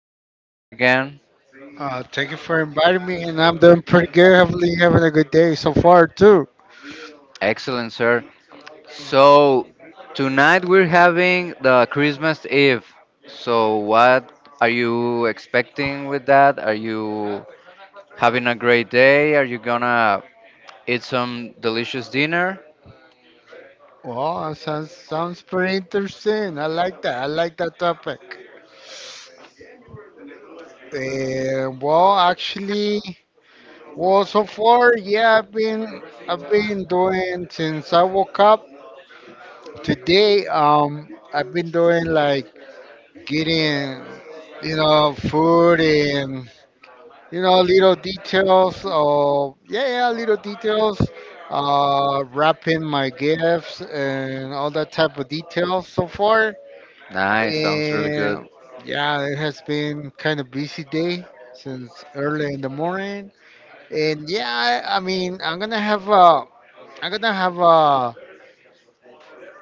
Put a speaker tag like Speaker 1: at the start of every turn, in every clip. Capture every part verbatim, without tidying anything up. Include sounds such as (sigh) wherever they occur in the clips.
Speaker 1: for coming back again.
Speaker 2: Uh, thank you for inviting me, and I'm doing pretty good. Hopefully, you're having a good day so far too.
Speaker 1: Excellent, sir. So, tonight we're having the Christmas Eve. So, what are you expecting with that? Are you having a great day? Are you gonna eat some delicious dinner?
Speaker 2: Well, sounds sounds pretty interesting. I like that. I like that topic. And well, actually, well, so far, yeah, I've been I've been doing since I woke up today. Um, I've been doing like getting, you know, food and you know, little details of yeah, yeah, little details, uh, wrapping my gifts and all that type of details so far.
Speaker 1: Nice, sounds really good.
Speaker 2: And yeah, it has been kind of busy day since early in the morning. And yeah, I, I mean, I'm gonna have a, I'm gonna have a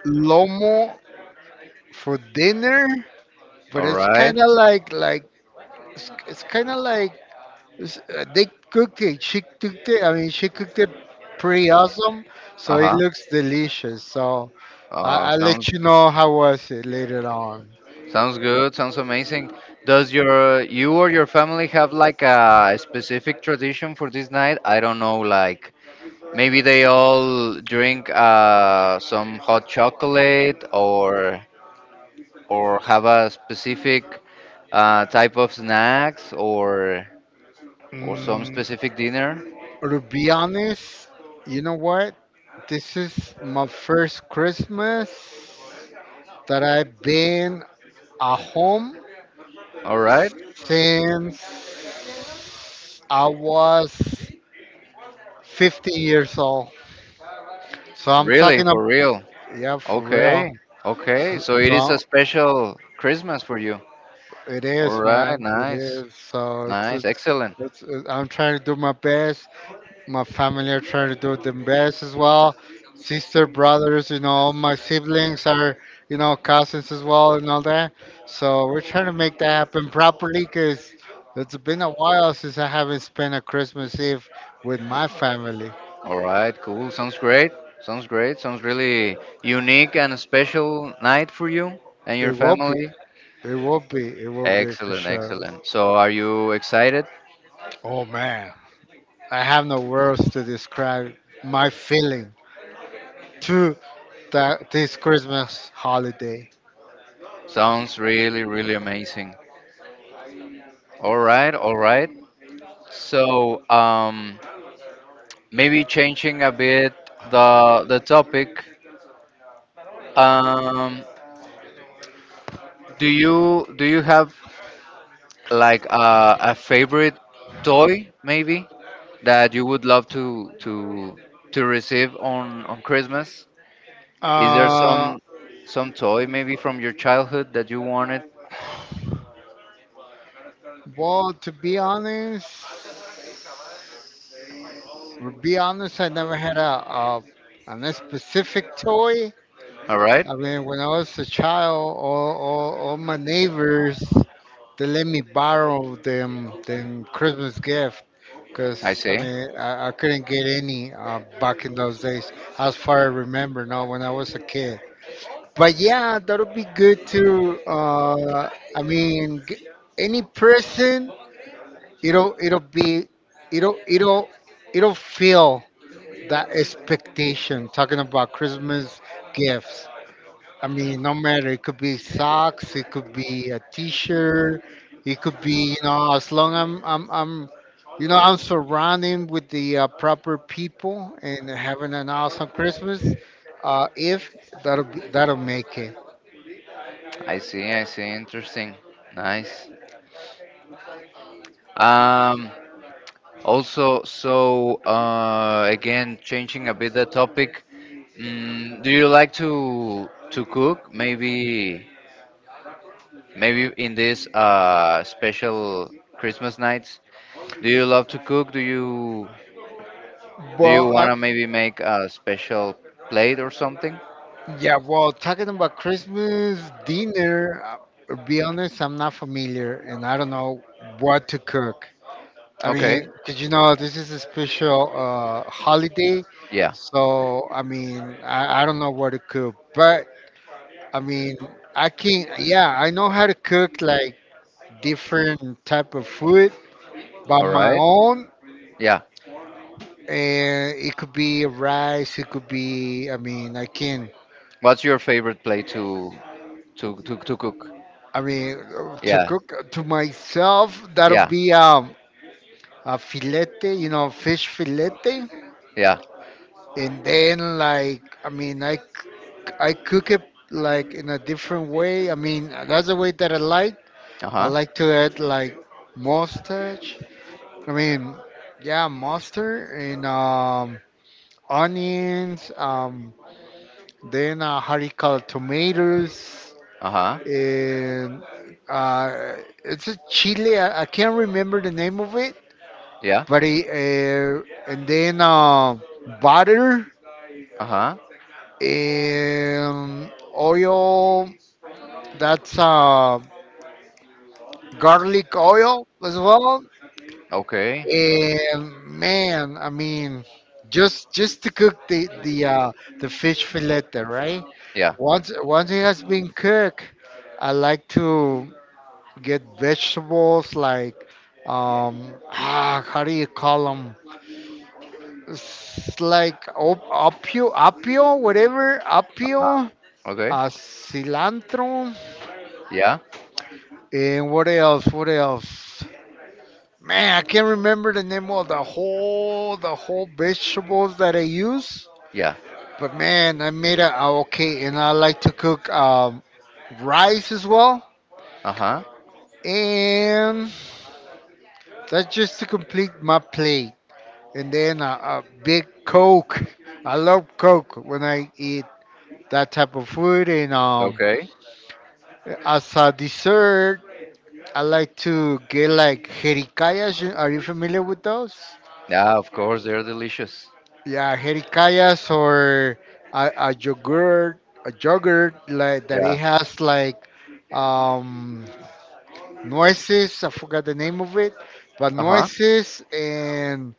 Speaker 2: lomo for dinner, but
Speaker 1: All
Speaker 2: it's
Speaker 1: right.
Speaker 2: kind of like like it's, it's kind of like s- uh, they cooked it. She cooked it. I mean, she cooked it pretty awesome.
Speaker 1: Uh
Speaker 2: So it
Speaker 1: huh.
Speaker 2: looks delicious. So I,
Speaker 1: Uh,
Speaker 2: I'll let
Speaker 1: sounds
Speaker 2: you know how was it later on.
Speaker 1: Sounds good. Sounds amazing. Does your you or your family have like a specific tradition for this night? I don't know, like maybe they all drink uh, some hot chocolate, or or have a specific uh, type of snacks, or or some
Speaker 2: Mm,
Speaker 1: specific dinner.
Speaker 2: to be honest, you know what? This is my first Christmas that I've been at home
Speaker 1: All right.
Speaker 2: since I was fifteen years old. So I'm
Speaker 1: Really,
Speaker 2: talking
Speaker 1: for
Speaker 2: about,
Speaker 1: real.
Speaker 2: yeah, for
Speaker 1: Okay.
Speaker 2: real.
Speaker 1: Okay.
Speaker 2: So,
Speaker 1: So it is a
Speaker 2: so
Speaker 1: special Christmas for you.
Speaker 2: It
Speaker 1: All
Speaker 2: is,
Speaker 1: right.
Speaker 2: man. It
Speaker 1: Nice.
Speaker 2: is. So it's,
Speaker 1: Nice.
Speaker 2: it's,
Speaker 1: Excellent.
Speaker 2: it's, it- I'm trying to do my best. My family are trying to do their best as well. Sister, brothers, you know, all my siblings are, you know, cousins as well and all that. So we're trying to make that happen properly because it's been a while since I haven't spent a Christmas Eve with my family.
Speaker 1: All right, cool. Sounds great. Sounds great. Sounds really unique and special night for you and your
Speaker 2: It will be.
Speaker 1: family.
Speaker 2: It will be. It will be for
Speaker 1: Excellent,
Speaker 2: sure.
Speaker 1: excellent. So, are you excited?
Speaker 2: Oh man, I have no words to describe my feeling. To that this Christmas holiday?
Speaker 1: Sounds really, really amazing. All right, all right. So, um, maybe changing a bit the the topic. Um, do you do you have like a, a favorite toy maybe that you would love to to to receive on on Christmas? Is there
Speaker 2: Uh,
Speaker 1: some some toy maybe from your childhood that you wanted?
Speaker 2: well, to be honest, to be honest, I never had a, a an specific toy.
Speaker 1: All right.
Speaker 2: I mean, when I was a child, all, all, all my neighbors they let me borrow them them Christmas gift
Speaker 1: I
Speaker 2: because I
Speaker 1: see.
Speaker 2: mean I, I couldn't get any uh, back in those days, as far as I remember. Now, when I was a kid. But yeah, that would be good to. Uh, I mean, g- any person, it'll it'll be, it'll it'll it'll feel that expectation. Talking about Christmas gifts. I mean, no matter it could be socks, it could be a T-shirt, it could be you know as long I'm I'm I'm, you know I'm surrounding with the uh, proper people and having an awesome Christmas. Uh, if that'll be, that'll make it.
Speaker 1: I see. I see. Interesting. Nice. Um also so uh again changing a bit the topic. Mm, do you like to to cook? Maybe maybe in this uh special Christmas nights. Do you love to cook? Do you do you
Speaker 2: Well,
Speaker 1: want to maybe make a special plate or something?
Speaker 2: yeah, well, talking about Christmas dinner, uh, to be honest, I'm not familiar and I don't know what to cook. I
Speaker 1: Okay.
Speaker 2: mean, 'cause you know, this is a special uh, holiday,
Speaker 1: Yeah.
Speaker 2: so I mean, I, I don't know what to cook, but I mean, I can, yeah, I know how to cook like different type of food by
Speaker 1: All
Speaker 2: my
Speaker 1: right.
Speaker 2: own,
Speaker 1: Yeah.
Speaker 2: and it could be rice, it could be, I mean, I can
Speaker 1: What's your favorite plate to to to, to cook?
Speaker 2: I mean, uh, to
Speaker 1: Yeah.
Speaker 2: cook to myself, that'll
Speaker 1: Yeah.
Speaker 2: be um, a filete, you know, fish filete,
Speaker 1: Yeah.
Speaker 2: and then like, I mean, I c- I cook it like in a different way. I mean, that's the way that I like.
Speaker 1: Uh
Speaker 2: I
Speaker 1: huh.
Speaker 2: like to add like mustache. I mean, yeah, mustard and um, onions. Um, then uh, how do you call it, tomatoes
Speaker 1: Uh huh.
Speaker 2: and uh, it's a chili. I, I can't remember the name of it
Speaker 1: Yeah.
Speaker 2: but it, uh, and then uh, butter
Speaker 1: Uh huh.
Speaker 2: and oil. That's uh, garlic oil as well.
Speaker 1: Okay.
Speaker 2: And man, I mean, just just to cook the the uh, the fish fillet, right?
Speaker 1: Yeah.
Speaker 2: Once once it has been cooked, I like to get vegetables like um ah, how do you call them? It's like op- opio, opio, whatever,
Speaker 1: Uh-huh.
Speaker 2: opio,
Speaker 1: Okay.
Speaker 2: uh, cilantro,
Speaker 1: Yeah.
Speaker 2: and what else? What else? Man, I can't remember the name of the whole the whole vegetables that I use.
Speaker 1: Yeah.
Speaker 2: But man, I made a a- okay, and I like to cook um, rice as well,
Speaker 1: Uh huh.
Speaker 2: and that's just to complete my plate. And then a, a big Coke. I love Coke when I eat that type of food, and um,
Speaker 1: Okay.
Speaker 2: as a dessert, I like to get like jericayas. You- Are you familiar with those?
Speaker 1: Yeah. Of course, they're delicious.
Speaker 2: Yeah, jericayas or a, a yogurt, a yogurt like that it
Speaker 1: Yeah.
Speaker 2: has like um noises. I forgot the name of it, but
Speaker 1: Uh huh.
Speaker 2: noises and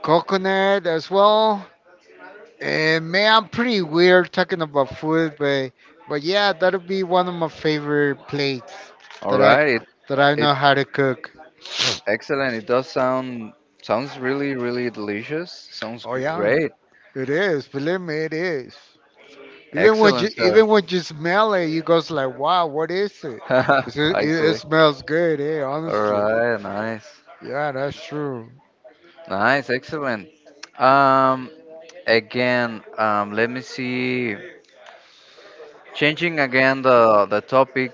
Speaker 2: coconut as well. And man, I'm pretty weird talking about food, but but yeah, that'll be one of my favorite plates
Speaker 1: All
Speaker 2: that I
Speaker 1: right. It
Speaker 2: that I
Speaker 1: it
Speaker 2: know how to cook.
Speaker 1: excellent. It does sound sounds really really delicious. Sounds
Speaker 2: Oh
Speaker 1: g-
Speaker 2: yeah,
Speaker 1: great.
Speaker 2: it is. Believe me, it is. Even when you
Speaker 1: Excellent, sir.
Speaker 2: even when you smell it, you goes like, "Wow, what is it?"
Speaker 1: (laughs)
Speaker 2: It's, it,
Speaker 1: I
Speaker 2: it
Speaker 1: see.
Speaker 2: smells good, eh?
Speaker 1: All
Speaker 2: Honestly,
Speaker 1: right. Nice.
Speaker 2: yeah, that's true.
Speaker 1: Nice, excellent. Um, again, um, let me see. Changing again the the topic.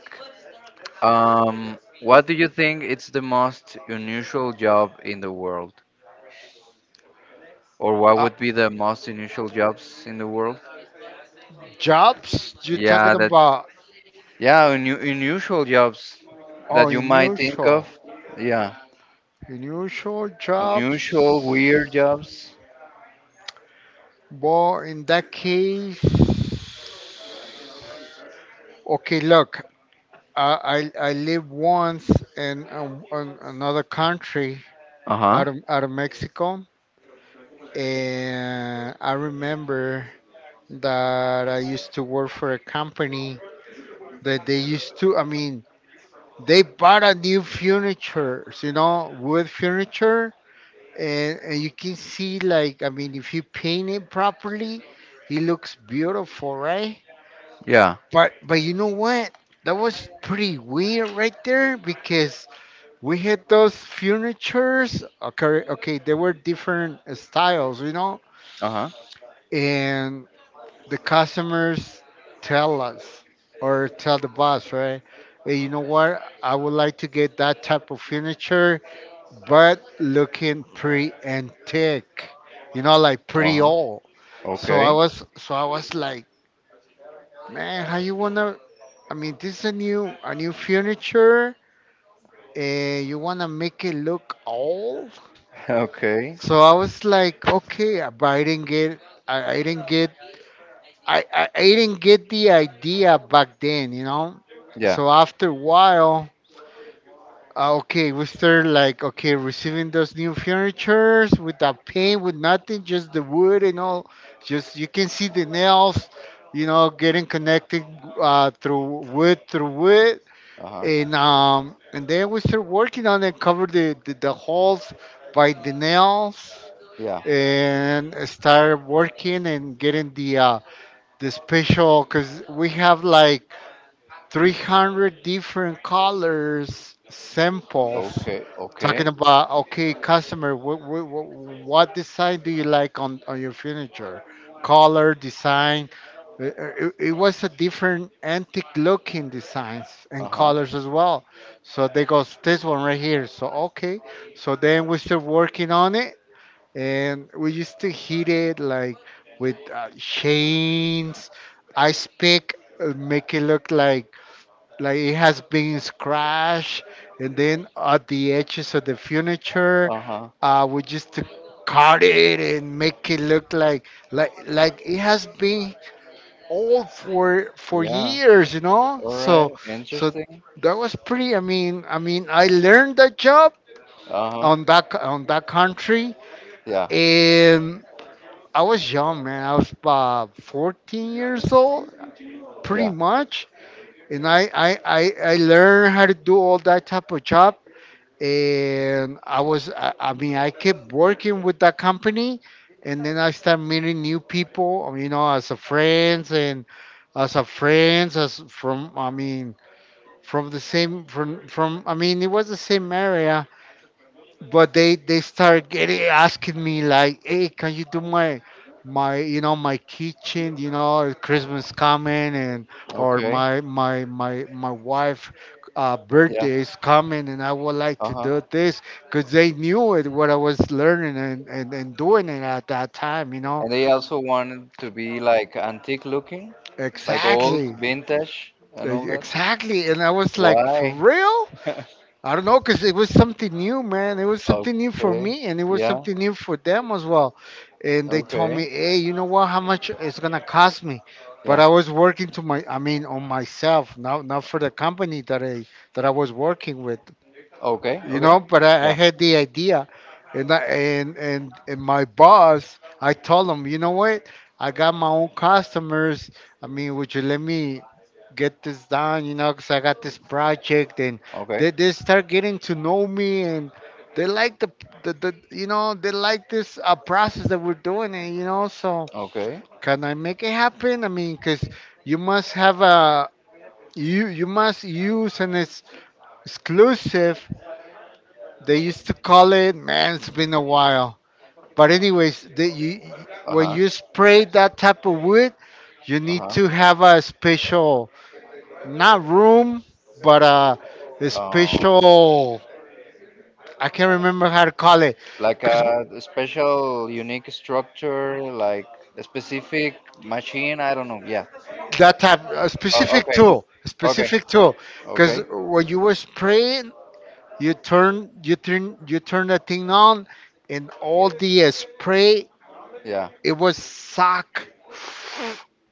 Speaker 1: Um, what do you think it's the most unusual job in the world, or what
Speaker 2: Uh,
Speaker 1: would be the most unusual jobs in the world?
Speaker 2: jobs? You talking
Speaker 1: Yeah, that
Speaker 2: about?
Speaker 1: yeah, unu unusual jobs
Speaker 2: Oh,
Speaker 1: that you might think
Speaker 2: unusual,
Speaker 1: of. Yeah,
Speaker 2: unusual
Speaker 1: unusual,
Speaker 2: jobs.
Speaker 1: weird jobs.
Speaker 2: Well, in that case, okay. Look, I I, I live once in um, an, another country
Speaker 1: Uh huh.
Speaker 2: out of out of Mexico. And I remember that I used to work for a company that they used to, I mean, they bought a new furniture, you know, wood furniture. And, and you can see, like, I mean, if you paint it properly, it looks beautiful, right?
Speaker 1: Yeah.
Speaker 2: But, but you know what? That was pretty weird right there because we had those furnitures. Okay, okay, they were different styles, you know
Speaker 1: Uh huh.
Speaker 2: and the customers tell us or tell the boss, right? "Hey, you know what? I would like to get that type of furniture, but looking pretty antique, you know, like
Speaker 1: Uh
Speaker 2: pretty
Speaker 1: huh.
Speaker 2: old. So I
Speaker 1: Okay.
Speaker 2: was, so I was like, man, how you wanna? I mean, this is a new, a new furniture, and you wanna make it look old?
Speaker 1: (laughs) Okay.
Speaker 2: So I was like, okay, but I didn't get, I, I didn't get I, I, I didn't get the idea back then, you know.
Speaker 1: Yeah.
Speaker 2: So after a while, uh, okay, we started like okay receiving those new furnitures without paint, with nothing, just the wood and all. Just you can see the nails, you know, getting connected uh, through wood through wood,
Speaker 1: Uh huh.
Speaker 2: and um and then we start working on it, cover the the, the holes by the nails,
Speaker 1: Yeah.
Speaker 2: and start working and getting the uh, the special because we have like three hundred different colors samples
Speaker 1: Okay,
Speaker 2: talking
Speaker 1: okay.
Speaker 2: about okay customer what, what, what design do you like on, on your furniture color design Uh, uh, it, it was a different antique looking designs and
Speaker 1: Uh-huh.
Speaker 2: colors as well so they goes this one right here so okay so then we start working on it and we used to hit it like with uh, chains, ice pick, uh, make it look like like it has been scratched, and then at the edges of the furniture,
Speaker 1: Uh-huh.
Speaker 2: uh, we used to cut it and make it look like like like it has been old for for
Speaker 1: Yeah.
Speaker 2: years, you know.
Speaker 1: All right.
Speaker 2: So so
Speaker 1: Interesting.
Speaker 2: that was pretty. I mean, I mean, I learned that job
Speaker 1: Uh-huh.
Speaker 2: on that co- on that country.
Speaker 1: Yeah.
Speaker 2: And I was young, man. I was uh, fourteen years old, pretty
Speaker 1: Yeah.
Speaker 2: much. And I, I, I, I learned how to do all that type of job. And I was, I, I mean, I kept working with that company. And then I started meeting new people, um, you know, as a friends and as a friends, as from, I mean, from the same, from, from, I mean, it was the same area but they they start getting asking me like hey can you do my my you know my kitchen you know or christmas coming and or
Speaker 1: Okay.
Speaker 2: my my my my wife uh,
Speaker 1: Yeah.
Speaker 2: birthday is coming and I would like to
Speaker 1: Uh-huh.
Speaker 2: do this because they knew it what I was learning and, and and doing it at that time you know
Speaker 1: And they also wanted to be like antique looking, like old,
Speaker 2: exactly
Speaker 1: vintage, and all
Speaker 2: E-
Speaker 1: that.
Speaker 2: exactly and I was like for
Speaker 1: Why?
Speaker 2: real
Speaker 1: (laughs)
Speaker 2: I don't know, cause it was something new, man. It was something new for
Speaker 1: Okay.
Speaker 2: me, and it was
Speaker 1: Yeah.
Speaker 2: something new for them as well. And they told
Speaker 1: Okay.
Speaker 2: me, "Hey, you know what? How much it's gonna cost me?" But
Speaker 1: Yeah.
Speaker 2: I was working to my, I mean, on myself, not not for the company that I that I was working with
Speaker 1: Okay.
Speaker 2: you
Speaker 1: Okay.
Speaker 2: know but i, I
Speaker 1: Yeah.
Speaker 2: had the idea and, I, and and and my boss I told him you know what I got my own customers I mean would you let me get this done you know because I got this project and
Speaker 1: Okay.
Speaker 2: they, they start getting to know me and they like the, the, the you know they like this uh, process that we're doing and you know so
Speaker 1: Okay.
Speaker 2: can I make it happen I mean because you must have a you you must use an ex- exclusive they used to call it, man, it's been a while. But anyways, the, you, when
Speaker 1: Uh-huh.
Speaker 2: you spray that type of wood, you need
Speaker 1: Uh-huh.
Speaker 2: to have a special, not room, but a, a
Speaker 1: Oh.
Speaker 2: special, I can't remember how to call it,
Speaker 1: Like
Speaker 2: because
Speaker 1: a special unique structure like a specific machine, I don't know, yeah.
Speaker 2: that type, a
Speaker 1: O-
Speaker 2: specific
Speaker 1: okay,
Speaker 2: tool, a
Speaker 1: okay,
Speaker 2: specific tool, because
Speaker 1: okay,
Speaker 2: when you were spraying, you turn, you turn, you turn that thing on, and all the uh, spray,
Speaker 1: yeah,
Speaker 2: it was suck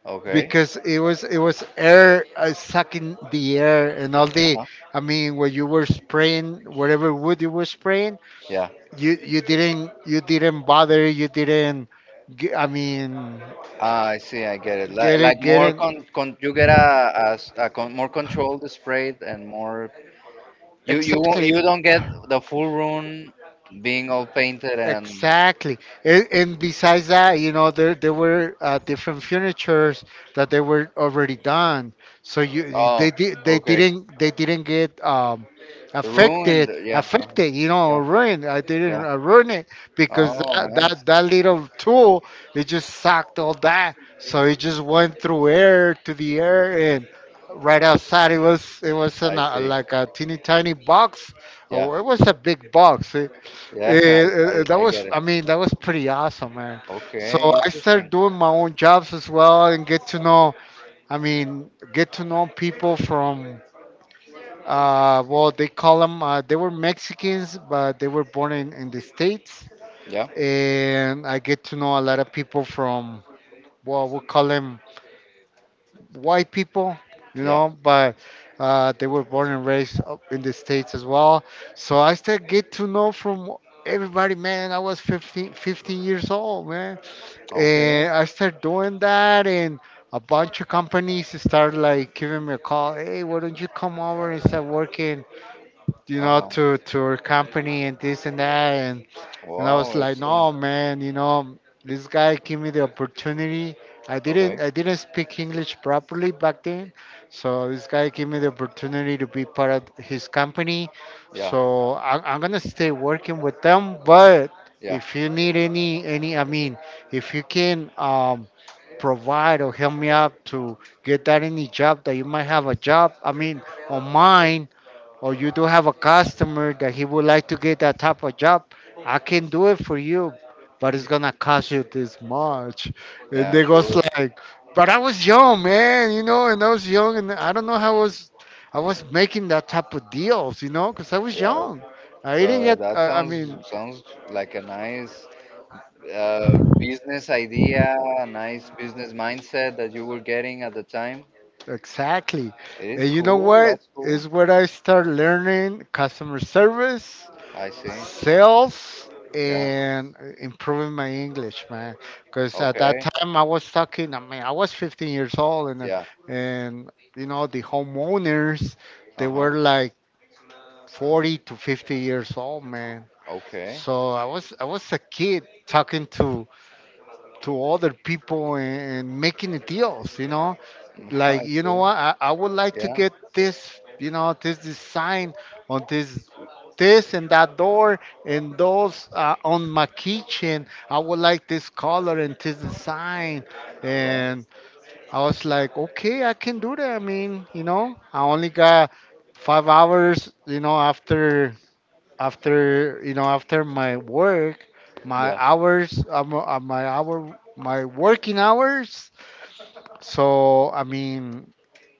Speaker 1: okay,
Speaker 2: because it was it was air uh, sucking the air and all the.
Speaker 1: uh-huh,
Speaker 2: I mean when you were spraying whatever wood you were spraying,
Speaker 1: yeah.
Speaker 2: you you didn't you didn't bother, you didn't ge- I mean
Speaker 1: Ah, I see, I get it. like,
Speaker 2: get
Speaker 1: like
Speaker 2: it get
Speaker 1: more
Speaker 2: it
Speaker 1: con, con you get a, a s- a con, more controlled spray and more. you you won't-
Speaker 2: Exactly.
Speaker 1: you don't get the full room being all painted, and
Speaker 2: Exactly. And, and besides that, you know, there there were uh, different furnitures that they were already done. So you you-
Speaker 1: oh,
Speaker 2: they did they
Speaker 1: okay.
Speaker 2: didn't they didn't get um
Speaker 1: Ruined,
Speaker 2: affected
Speaker 1: yeah, uh-huh,
Speaker 2: affected you know
Speaker 1: yeah,
Speaker 2: or ruined. I didn't
Speaker 1: yeah,
Speaker 2: uh, ruin it because
Speaker 1: oh
Speaker 2: that, that
Speaker 1: nice,
Speaker 2: that little tool, it just sucked all that, so it just went through air to the air and right outside. It was it was in
Speaker 1: I
Speaker 2: a,
Speaker 1: see,
Speaker 2: like a teeny tiny box.
Speaker 1: yeah.
Speaker 2: Oh, it was a big box. Eh,
Speaker 1: Yeah, (laughs) I,
Speaker 2: eh,
Speaker 1: I,
Speaker 2: that
Speaker 1: I
Speaker 2: was,
Speaker 1: get it.
Speaker 2: I mean, that was pretty awesome, man. So
Speaker 1: Okay,
Speaker 2: I started
Speaker 1: interesting.
Speaker 2: doing my own jobs as well and get to know, I mean, get to know people from, uh, well, they call them, uh, they were Mexicans, but they were born in, in the States.
Speaker 1: Yeah,
Speaker 2: And I get to know a lot of people from, well, we call them white people, you
Speaker 1: yeah.
Speaker 2: know, but uh, they were born and raised up in the States as well. So I started get to know from everybody, man. I was fifteen, fifteen years old, man.
Speaker 1: Okay.
Speaker 2: And I started doing that, and a bunch of companies start like giving me a call. Hey, why don't you come over and start working, you know,
Speaker 1: Uh-huh.
Speaker 2: to, to our company and this and that. and. And I
Speaker 1: Wow,
Speaker 2: was like,
Speaker 1: excellent.
Speaker 2: no, man, you know, this guy gave me the opportunity. I
Speaker 1: Okay.
Speaker 2: didn't, I didn't speak English properly back then, so this guy gave me the opportunity to be part of his company.
Speaker 1: Yeah,
Speaker 2: So I'm, I'm gonna stay working with them. But
Speaker 1: yeah.
Speaker 2: if you need any, any, I mean, if you can um, provide or help me out to get that any job that you might have a job, I mean, on mine, or you do have a customer that he would like to get that type of job, I can do it for you, but it's gonna cost you this much. And
Speaker 1: Yeah,
Speaker 2: they goes
Speaker 1: sure.
Speaker 2: like, but I was young, man, you know, and I was young, and I don't know how I was, I was making that type of deals, you know, because I was
Speaker 1: Yeah,
Speaker 2: young. I didn't
Speaker 1: but
Speaker 2: get,
Speaker 1: that
Speaker 2: I, I
Speaker 1: sounds
Speaker 2: mean,
Speaker 1: sounds like a nice uh, business idea, a nice business mindset that you were getting at the time.
Speaker 2: exactly.
Speaker 1: It is
Speaker 2: And you know
Speaker 1: cool. That's
Speaker 2: what?
Speaker 1: cool.
Speaker 2: Is where I start learning customer service
Speaker 1: I see.
Speaker 2: self
Speaker 1: Yeah.
Speaker 2: and improving my English, man. Because at that
Speaker 1: Okay.
Speaker 2: time I was talking. I mean, I was fifteen years old, and uh,
Speaker 1: Yeah.
Speaker 2: and you know the homeowners, they
Speaker 1: Uh-huh.
Speaker 2: were like forty to fifty years old, man.
Speaker 1: Okay.
Speaker 2: So I was I was a kid talking to to other people and, and making the deals, you know,
Speaker 1: (laughs) I
Speaker 2: like you know
Speaker 1: see.
Speaker 2: what, I, I would like to
Speaker 1: Yeah.
Speaker 2: get this, you know, this design on this this and that door, and those uh, on my kitchen I would like this color and this design.
Speaker 1: Yeah.
Speaker 2: And I was like, okay, I can do that. I mean, you know, I only got five hours, you know, after after you know after my work, my
Speaker 1: Yeah.
Speaker 2: hours uh, my uh, my hour my working hours. So I mean,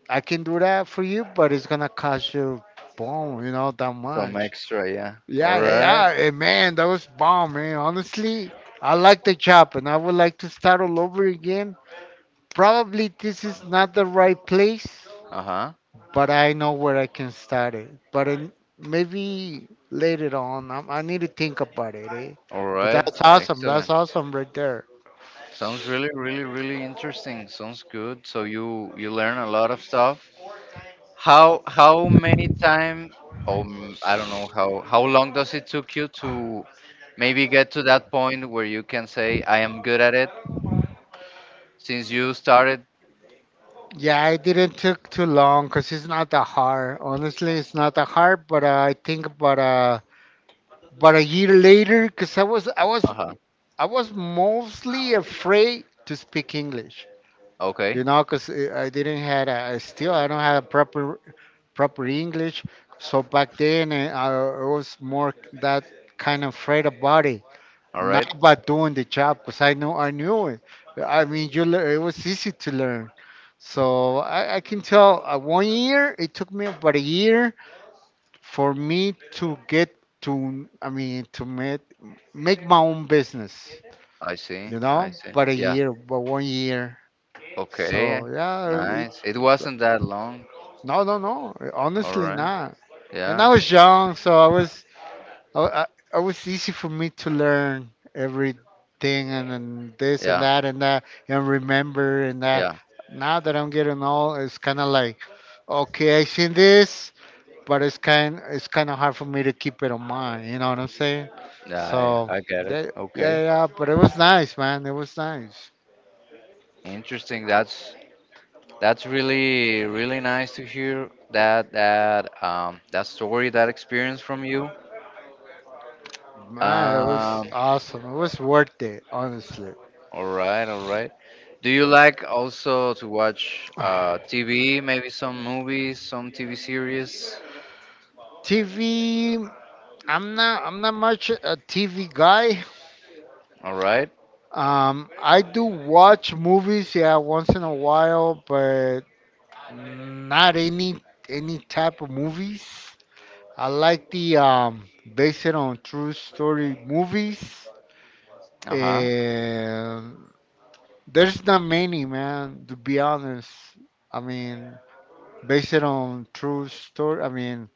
Speaker 2: I can do that for you, but it's gonna cost you bomb, you know, that
Speaker 1: Some
Speaker 2: much.
Speaker 1: extra, yeah. All
Speaker 2: Yeah, yeah,
Speaker 1: right.
Speaker 2: yeah. eh, man, that was bomb, man. Honestly, I like the job and I would like to start all over again. Probably this is not the right place,
Speaker 1: Uh huh.
Speaker 2: but I know where I can start it. But in, maybe later on, I, I need to think about it. Eh?
Speaker 1: All
Speaker 2: But
Speaker 1: right.
Speaker 2: that's awesome. That's
Speaker 1: Excellent.
Speaker 2: awesome right there.
Speaker 1: Sounds really, really, really interesting. Sounds good. So you you learn a lot of stuff. How how many time? Um, I don't know how how long does it took you to maybe get to that point where you can say I am good at it since you started.
Speaker 2: Yeah, it didn't took too long because it's not that hard. Honestly, it's not that hard, but uh, I think about uh, but a year later, because I was I was
Speaker 1: Uh huh.
Speaker 2: I was mostly afraid to speak English,
Speaker 1: Okay.
Speaker 2: you know, because I didn't had a, I still I don't have a proper proper English. So back then eh, I was more that kind of afraid about it,
Speaker 1: All
Speaker 2: not
Speaker 1: right.
Speaker 2: about doing the job, because I know I knew it. I mean, you lear- it was easy to learn. So I, I can tell uh, one year, it took me about a year for me to get to, I mean, to make make my own business,
Speaker 1: I see.
Speaker 2: you
Speaker 1: I
Speaker 2: know,
Speaker 1: see.
Speaker 2: but a
Speaker 1: Yeah.
Speaker 2: year, but one year.
Speaker 1: Okay.
Speaker 2: So yeah it,
Speaker 1: Nice. It wasn't that long.
Speaker 2: no no no,
Speaker 1: All
Speaker 2: honestly
Speaker 1: right.
Speaker 2: not. And I
Speaker 1: Yeah.
Speaker 2: was young, so I was, i, I I was easy for me to learn everything, and, and this and
Speaker 1: Yeah,
Speaker 2: that and that and remember and that.
Speaker 1: yeah,
Speaker 2: Now that I'm getting old, it's kind of like, okay, I seen this, but it's kind it's kind of hard for me to keep it on mind. You know what I'm saying?
Speaker 1: yeah,
Speaker 2: So
Speaker 1: I, I get it.
Speaker 2: yeah,
Speaker 1: Okay,
Speaker 2: yeah, yeah. But it was nice, man. It was nice.
Speaker 1: interesting. That's that's really really nice to hear that that um that story, that experience from you.
Speaker 2: Man, it
Speaker 1: Um,
Speaker 2: was awesome. It was worth it, honestly.
Speaker 1: all right, all right. Do you like also to watch uh T V, maybe some movies, some T V series?
Speaker 2: T V. I'm not. I'm not much a T V guy.
Speaker 1: All right.
Speaker 2: Um, I do watch movies, yeah, once in a while, but not any any type of movies. I like the um based on true story movies.
Speaker 1: Uh-huh.
Speaker 2: And there's not many, man, to be honest. I mean, based on true story, I mean,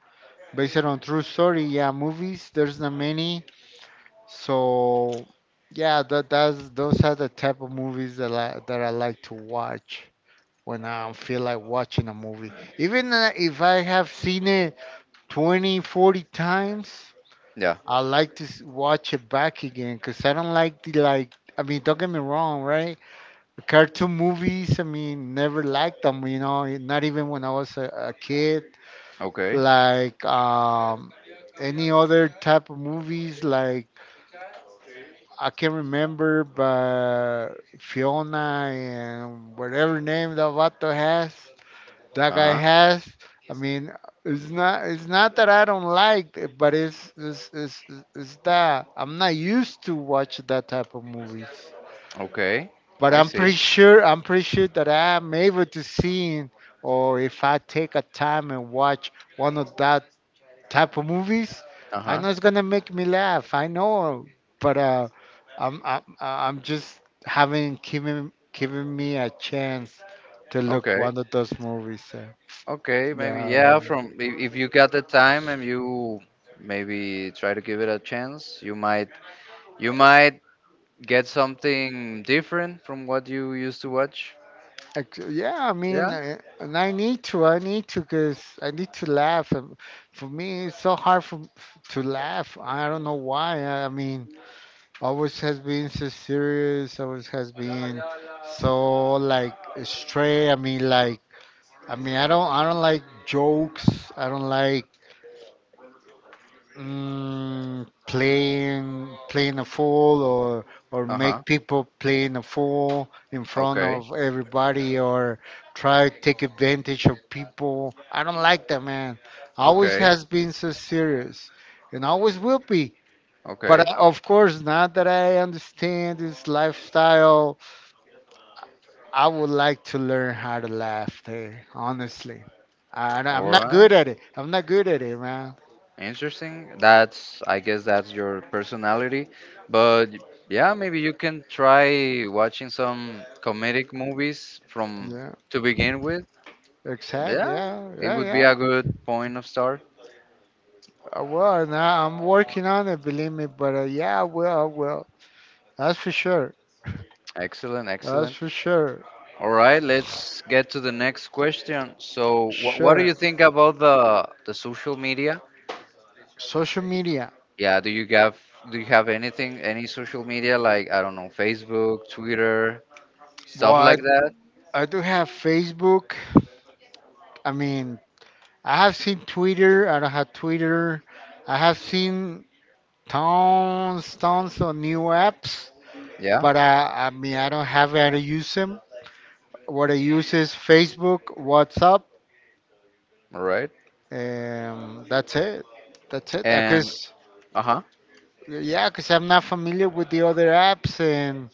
Speaker 2: based on true story, yeah, movies, there's not many. So, yeah, that that's those are the type of movies that I that I like to watch when I feel like watching a movie. Even uh, if I have seen it twenty, forty times,
Speaker 1: Yeah.
Speaker 2: I like to s- watch it back again, because I don't like the like. I mean, don't get me wrong, right? Cartoon movies, I mean, never liked them, you know, eh, not even when I was a, a kid.
Speaker 1: Okay.
Speaker 2: Like um, any other type of movies, like I can remember, but Fiona and whatever name that Vato has, that guy
Speaker 1: Uh-huh.
Speaker 2: has. I mean, it's not it's not that I don't like, it, but it's it's it's, it's that I'm not used to watch that type of movies.
Speaker 1: Okay.
Speaker 2: But
Speaker 1: I
Speaker 2: I'm pretty
Speaker 1: see.
Speaker 2: sure I'm pretty sure that I'm able to see, or if I take a time and watch one of that type of movies, I
Speaker 1: Uh-huh.
Speaker 2: know it's gonna make me laugh. I know, but uh, I'm I'm I'm just having giving giving me a chance to look
Speaker 1: Okay.
Speaker 2: one of those movies. So.
Speaker 1: Okay, maybe
Speaker 2: Yeah,
Speaker 1: yeah.
Speaker 2: um,
Speaker 1: From if, if you got the time and you maybe try to give it a chance, you might you might get something different from what you used to watch.
Speaker 2: ex- yeah. I
Speaker 1: Yeah.
Speaker 2: mean, I, and I need to. I need to, cause I need to laugh. Um, For me, it's so hard for, to laugh. I don't know why. I I mean, always has been so serious, always has been so like stray. I mean like, I mean, i don't I don't like jokes. I don't like, mm, playing playing a fool, or or
Speaker 1: Uh huh.
Speaker 2: make people playing a fool in front
Speaker 1: Okay.
Speaker 2: of everybody, or try to take advantage of people. I don't like that, man. Always
Speaker 1: Okay.
Speaker 2: has been so serious, and always will be. But
Speaker 1: Okay.
Speaker 2: uh, of course, now that I understand this lifestyle, I would like to learn how to laugh. Hey, honestly, I,
Speaker 1: All
Speaker 2: I'm not
Speaker 1: right.
Speaker 2: good at it. I'm not good at it, man.
Speaker 1: Interesting. That's I guess that's your personality, but yeah, maybe you can try watching some comedic movies from
Speaker 2: Yeah,
Speaker 1: to begin with.
Speaker 2: exact.
Speaker 1: Yeah,
Speaker 2: Yeah,
Speaker 1: it
Speaker 2: yeah,
Speaker 1: would be
Speaker 2: yeah.
Speaker 1: a good point of start.
Speaker 2: I will. Now I'm working on it. Believe me. But uh, yeah, I will. I will. That's for sure.
Speaker 1: Excellent,
Speaker 2: That's
Speaker 1: excellent.
Speaker 2: for sure.
Speaker 1: All right, let's get to the next question. So, wh- what do
Speaker 2: Sure.
Speaker 1: you think about the the social media?
Speaker 2: Social media.
Speaker 1: Yeah, do you have do you have anything any social media like I don't know, Facebook, Twitter, stuff like
Speaker 2: What?
Speaker 1: that?
Speaker 2: I I do have Facebook. I mean, I have seen Twitter. I don't have Twitter. I have seen tons, tons of new apps,
Speaker 1: Yeah.
Speaker 2: but uh, I mean, I don't have how to use them. What I use is Facebook, WhatsApp,
Speaker 1: All right.
Speaker 2: um, that's it. That's it. I
Speaker 1: And
Speaker 2: guess,
Speaker 1: uh-huh.
Speaker 2: yeah, because I'm not familiar with the other apps, and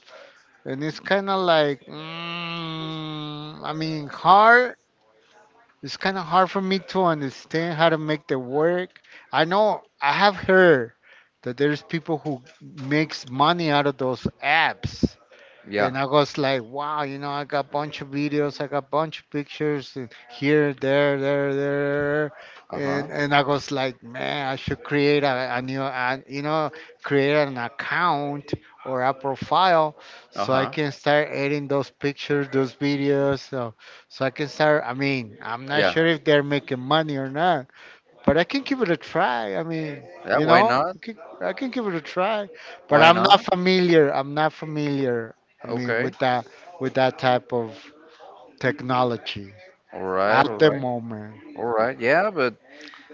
Speaker 2: and it's kind of like, mm, I mean, hard. It's kind of hard for me to understand how to make the work. I know I have heard that there's people who makes money out of those apps,
Speaker 1: Yeah.
Speaker 2: and I was like, wow, you know, I got a bunch of videos, I got a bunch of pictures uh, here, there, there, there,
Speaker 1: Uh-huh.
Speaker 2: and and I was like, man, I should create a, a new, a, you know, create an account or a profile, so I
Speaker 1: Uh-huh.
Speaker 2: can start adding those pictures, those videos, so so I can start. I mean, I'm not
Speaker 1: Yeah.
Speaker 2: sure if they're making money or not, but I can give it a try. I mean,
Speaker 1: Yeah,
Speaker 2: you
Speaker 1: why
Speaker 2: know,
Speaker 1: not?
Speaker 2: I can, I can give it a try, but
Speaker 1: Why
Speaker 2: I'm not
Speaker 1: not?
Speaker 2: familiar. I'm not familiar. I mean,
Speaker 1: Okay.
Speaker 2: with that, with that type of technology
Speaker 1: All right,
Speaker 2: at
Speaker 1: all
Speaker 2: the
Speaker 1: right.
Speaker 2: moment.
Speaker 1: All right. Yeah, but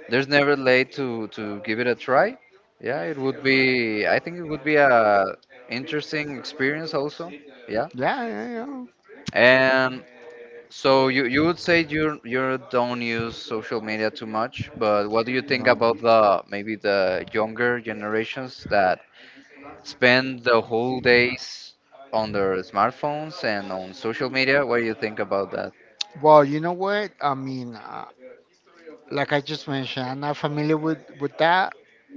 Speaker 1: there's never late to to give it a try. Yeah, it would be. I think it would be a interesting experience also. Yeah,
Speaker 2: Yeah, yeah,
Speaker 1: and so you you would say you you don't use social media too much, but what do you
Speaker 2: yeah.
Speaker 1: think about
Speaker 2: No.
Speaker 1: the maybe the younger generations that spend the whole days on their smartphones and on social media? What do you think about that?
Speaker 2: Well, you know what? I mean, uh, like I just mentioned, I'm not familiar with with that,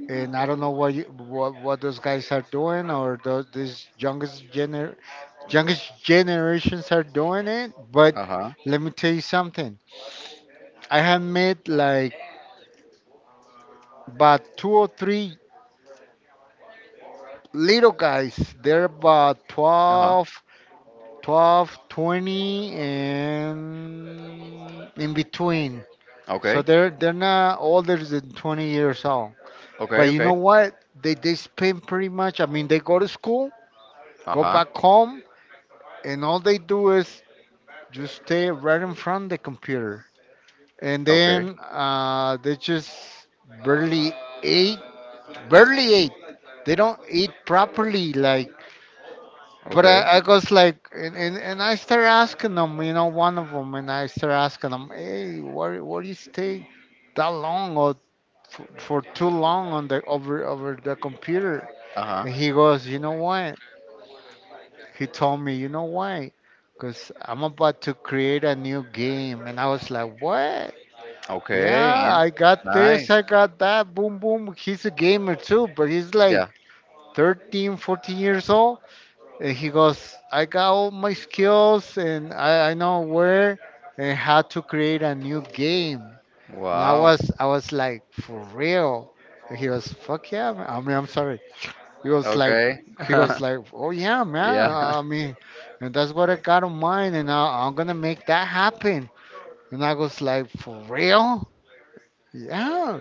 Speaker 2: and I don't know what you, what what those guys are doing, or those these youngest gener youngest generations are doing it. But
Speaker 1: Uh huh.
Speaker 2: let me tell you something. I have met like, but two or three little guys. They're about
Speaker 1: Uh huh.
Speaker 2: twelve, twelve, twenty, and in between. So
Speaker 1: Okay.
Speaker 2: they're they're not older than twenty years old.
Speaker 1: Okay.
Speaker 2: But you know
Speaker 1: Okay.
Speaker 2: what? They they spend pretty much. I mean, they go to school,
Speaker 1: Uh
Speaker 2: go
Speaker 1: huh.
Speaker 2: back home, and all they do is just stay right in front of the computer. And
Speaker 1: Okay.
Speaker 2: then uh, they just barely eat barely ate. They don't eat properly. Like, but
Speaker 1: Okay.
Speaker 2: I, I was like, and, and, and I start asking them, you know, one of them, and I start asking them, hey, why why do you stay that long or for, for too long on the over over the computer?
Speaker 1: Uh
Speaker 2: And he
Speaker 1: huh.
Speaker 2: goes, you know what? He told me, you know why? Because I'm about to create a new game, and I was like, what? Yeah,
Speaker 1: Okay, and
Speaker 2: I got this, I
Speaker 1: nice.
Speaker 2: got that, boom, boom. He's a gamer too, but he's like
Speaker 1: Yeah.
Speaker 2: thirteen, fourteen years old. And he goes, I got all my skills and I, I know where and how to create a new game. And I
Speaker 1: Wow.
Speaker 2: was I was like, for real? And he was, fuck yeah, man. I mean, I'm sorry. He was like,
Speaker 1: Okay.
Speaker 2: he goes like,
Speaker 1: (laughs)
Speaker 2: oh yeah, man.
Speaker 1: Yeah.
Speaker 2: I
Speaker 1: (laughs)
Speaker 2: mean, and that's what I got in mind. And I, I'm gonna make that happen. And I was like, for real? Yeah.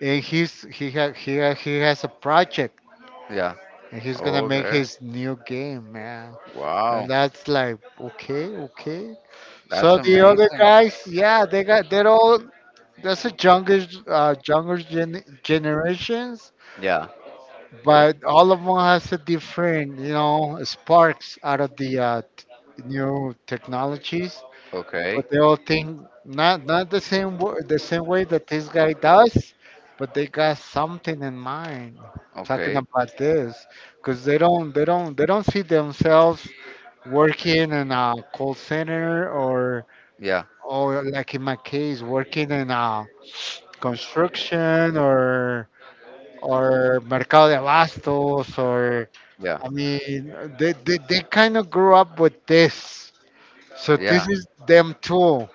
Speaker 2: And he's he ha, he ha, he has a project
Speaker 1: Yeah.
Speaker 2: and he's gonna make
Speaker 1: Okay.
Speaker 2: his new game, man. And
Speaker 1: Wow.
Speaker 2: that's like, okay, okay.
Speaker 1: That's
Speaker 2: So the other
Speaker 1: amazing.
Speaker 2: guys, yeah, they got they're all that's a younger uh, younger gen- generations,
Speaker 1: Yeah.
Speaker 2: but all of them has a different, you know, sparks out of the uh, t- new technologies.
Speaker 1: Okay.
Speaker 2: But they all think not not the same wo- the same way that this guy does, but they got something in mind talking
Speaker 1: Okay.
Speaker 2: about this because they don't they don't they don't see themselves working in a call center or
Speaker 1: Yeah.
Speaker 2: or like in my case working in a construction or or mercado de abastos or
Speaker 1: Yeah.
Speaker 2: I mean, they, they, they kind of grew up with this, so this
Speaker 1: Yeah.
Speaker 2: is them tool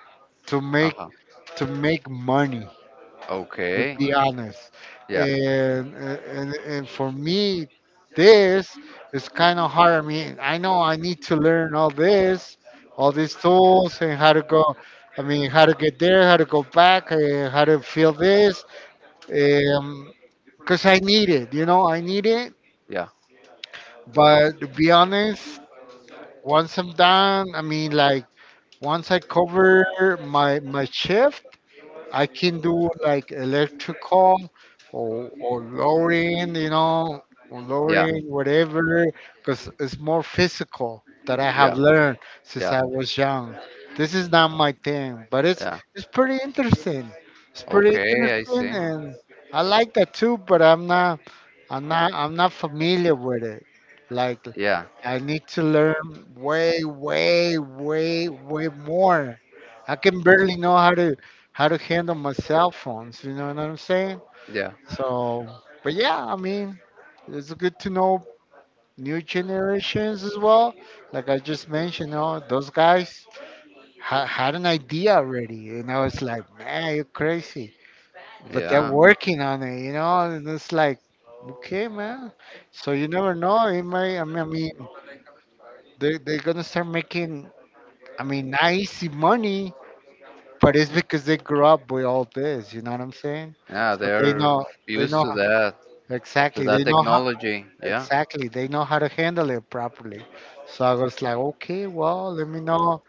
Speaker 2: to make
Speaker 1: Uh-huh.
Speaker 2: to make money, let's
Speaker 1: Okay.
Speaker 2: be honest.
Speaker 1: Yeah.
Speaker 2: And and and for me, this is kind of hard. I mean, I know I need to learn all this, all these tools, and how to go. I mean, how to get there, how to go back, uh, how to feel this, Um, because I need it. You know, I need it.
Speaker 1: Yeah.
Speaker 2: But to be honest, once I'm done, I mean, like once I cover my my shift, I can do like electrical or or lowering, you know, or
Speaker 1: Yeah.
Speaker 2: lowering whatever, because it's more physical that I have
Speaker 1: Yeah.
Speaker 2: learned since
Speaker 1: Yeah.
Speaker 2: I was young. This is not my thing, but it's
Speaker 1: Yeah.
Speaker 2: it's pretty interesting. It's pretty
Speaker 1: Okay, I
Speaker 2: interesting,
Speaker 1: see.
Speaker 2: and I like that too. But I'm not, I'm not, I'm not familiar with it. Like
Speaker 1: Yeah.
Speaker 2: I need to learn way, way, way, way more. I can barely know how to how to handle my cell phones. You know what I'm saying?
Speaker 1: Yeah.
Speaker 2: So, but yeah, I mean, it's good to know new generations as well. Like I just mentioned, you know, those guys ha- had an idea already, you know. It's like, man, you're crazy, but they're
Speaker 1: Yeah.
Speaker 2: working on it, you know. And it's like, okay, man. So you never know. It might. I mean, I mean they they're gonna start making. I mean, not easy money, but it's because they grew up with all this. You know what I'm saying?
Speaker 1: Yeah,
Speaker 2: So they
Speaker 1: they're
Speaker 2: know they
Speaker 1: used
Speaker 2: know
Speaker 1: to that, to
Speaker 2: Exactly.
Speaker 1: that
Speaker 2: They know how
Speaker 1: technology. Yeah.
Speaker 2: exactly, they know how to handle it properly. So I was like, okay, well, let me know.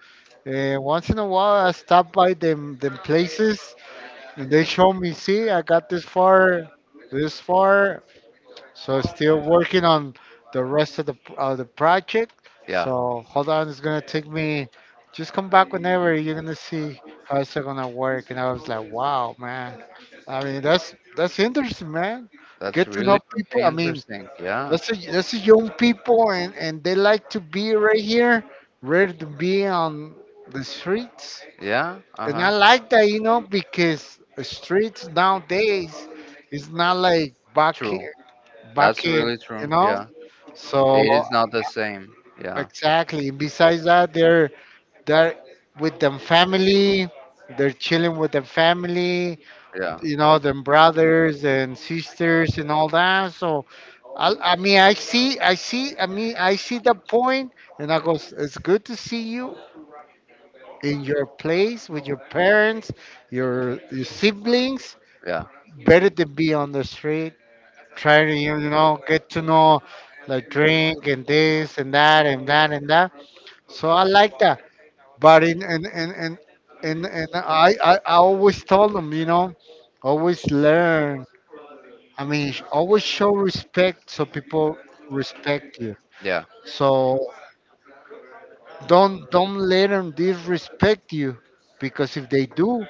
Speaker 2: Uh, once in a while, I stop by them them places, and they show me, see, I got this far, this far. So still working on the rest of the of the project.
Speaker 1: Yeah.
Speaker 2: So hold on, it's gonna take me. Just come back whenever you're gonna see how it's gonna work. And I was like, wow, man. I mean, that's that's interesting, man.
Speaker 1: That's
Speaker 2: Get to
Speaker 1: really,
Speaker 2: know people.
Speaker 1: really
Speaker 2: I mean
Speaker 1: interesting. Yeah.
Speaker 2: that's a, that's a young people, and, and they like to be right here, rather to be on the streets.
Speaker 1: Yeah,
Speaker 2: And I
Speaker 1: uh-huh.
Speaker 2: like that, you know, because the streets nowadays is not like back
Speaker 1: True.
Speaker 2: in- back
Speaker 1: That's
Speaker 2: in,
Speaker 1: really true.
Speaker 2: you know.
Speaker 1: Yeah. It
Speaker 2: So
Speaker 1: is not the same. Yeah.
Speaker 2: exactly. Besides that, they're they're with them family. They're chilling with their family,
Speaker 1: Yeah.
Speaker 2: you know, them brothers and sisters and all that. So, I, I mean, I see, I see, I mean, I see the point, and I goes, it's good to see you in your place with your parents, your your siblings.
Speaker 1: Yeah.
Speaker 2: Better than be on the street trying to, you know, get to know, like drink and this and that and that and that. So I like that. But in and and and and and I I I always told them, you know, always learn. I mean, sh- always show respect so people respect you.
Speaker 1: Yeah.
Speaker 2: So don't don't let them disrespect you, because if they do,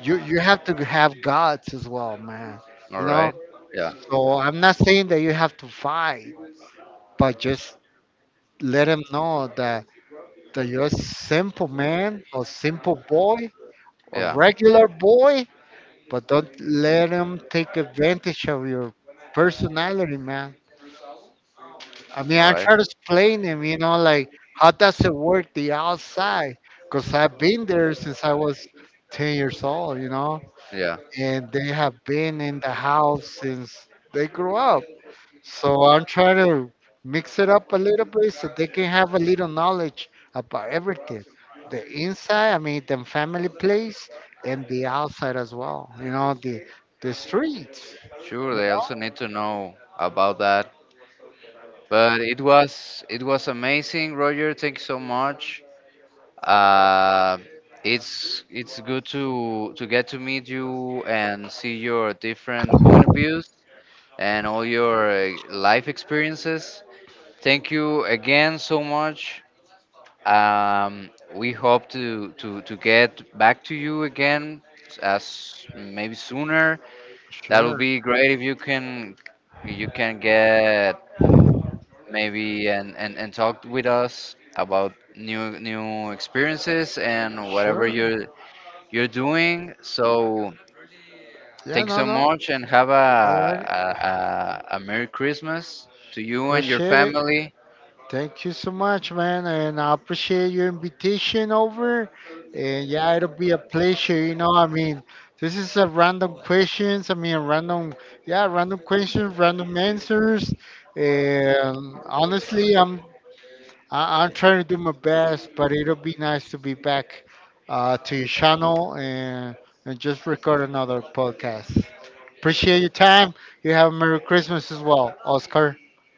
Speaker 2: you you have to have guts as well, man.
Speaker 1: All
Speaker 2: You know.
Speaker 1: right. Yeah.
Speaker 2: So I'm not saying that you have to fight, but just let them know that that you're a simple man, a simple boy, a
Speaker 1: Yeah.
Speaker 2: regular boy. But don't let them take advantage of your personality, man. I mean,
Speaker 1: All
Speaker 2: I
Speaker 1: right.
Speaker 2: try to explain him, you know, like how does it work the outside? Because I've been there since I was ten years old, you know,
Speaker 1: Yeah.
Speaker 2: and they have been in the house since they grew up. So I'm trying to mix it up a little bit so they can have a little knowledge about everything. The inside, I mean, the family place, and the outside as well, you know, the the streets.
Speaker 1: Sure,
Speaker 2: You
Speaker 1: they
Speaker 2: know,
Speaker 1: also need to know about that. But it was it was amazing, Roger. Thank you so much. Uh it's it's good to to get to meet you and see your different point of views and all your uh, life experiences. Thank you again so much. Um, we hope to, to, to get back to you again as maybe sooner. That would
Speaker 2: Sure,
Speaker 1: be great if you can you can get maybe and, and, and talk with us about new new experiences and whatever
Speaker 2: sure.
Speaker 1: you're you're doing. So
Speaker 2: Yeah,
Speaker 1: thank you
Speaker 2: no,
Speaker 1: so
Speaker 2: no.
Speaker 1: much and have a
Speaker 2: All right.
Speaker 1: a, a, a Merry Christmas to you and your
Speaker 2: Appreciate it.
Speaker 1: family.
Speaker 2: Thank you so much, man. And I appreciate your invitation over. And yeah, it'll be a pleasure. You know, I mean, this is a random questions. I mean, random, yeah, random questions, random answers. And honestly, I'm I, I'm trying to do my best, but it'll be nice to be back uh, to your channel and and just record another podcast. Appreciate your time. You have a Merry Christmas as well, Oscar.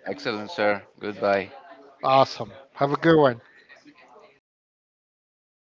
Speaker 1: Excellent, sir. Goodbye.
Speaker 2: Awesome. Have a good one.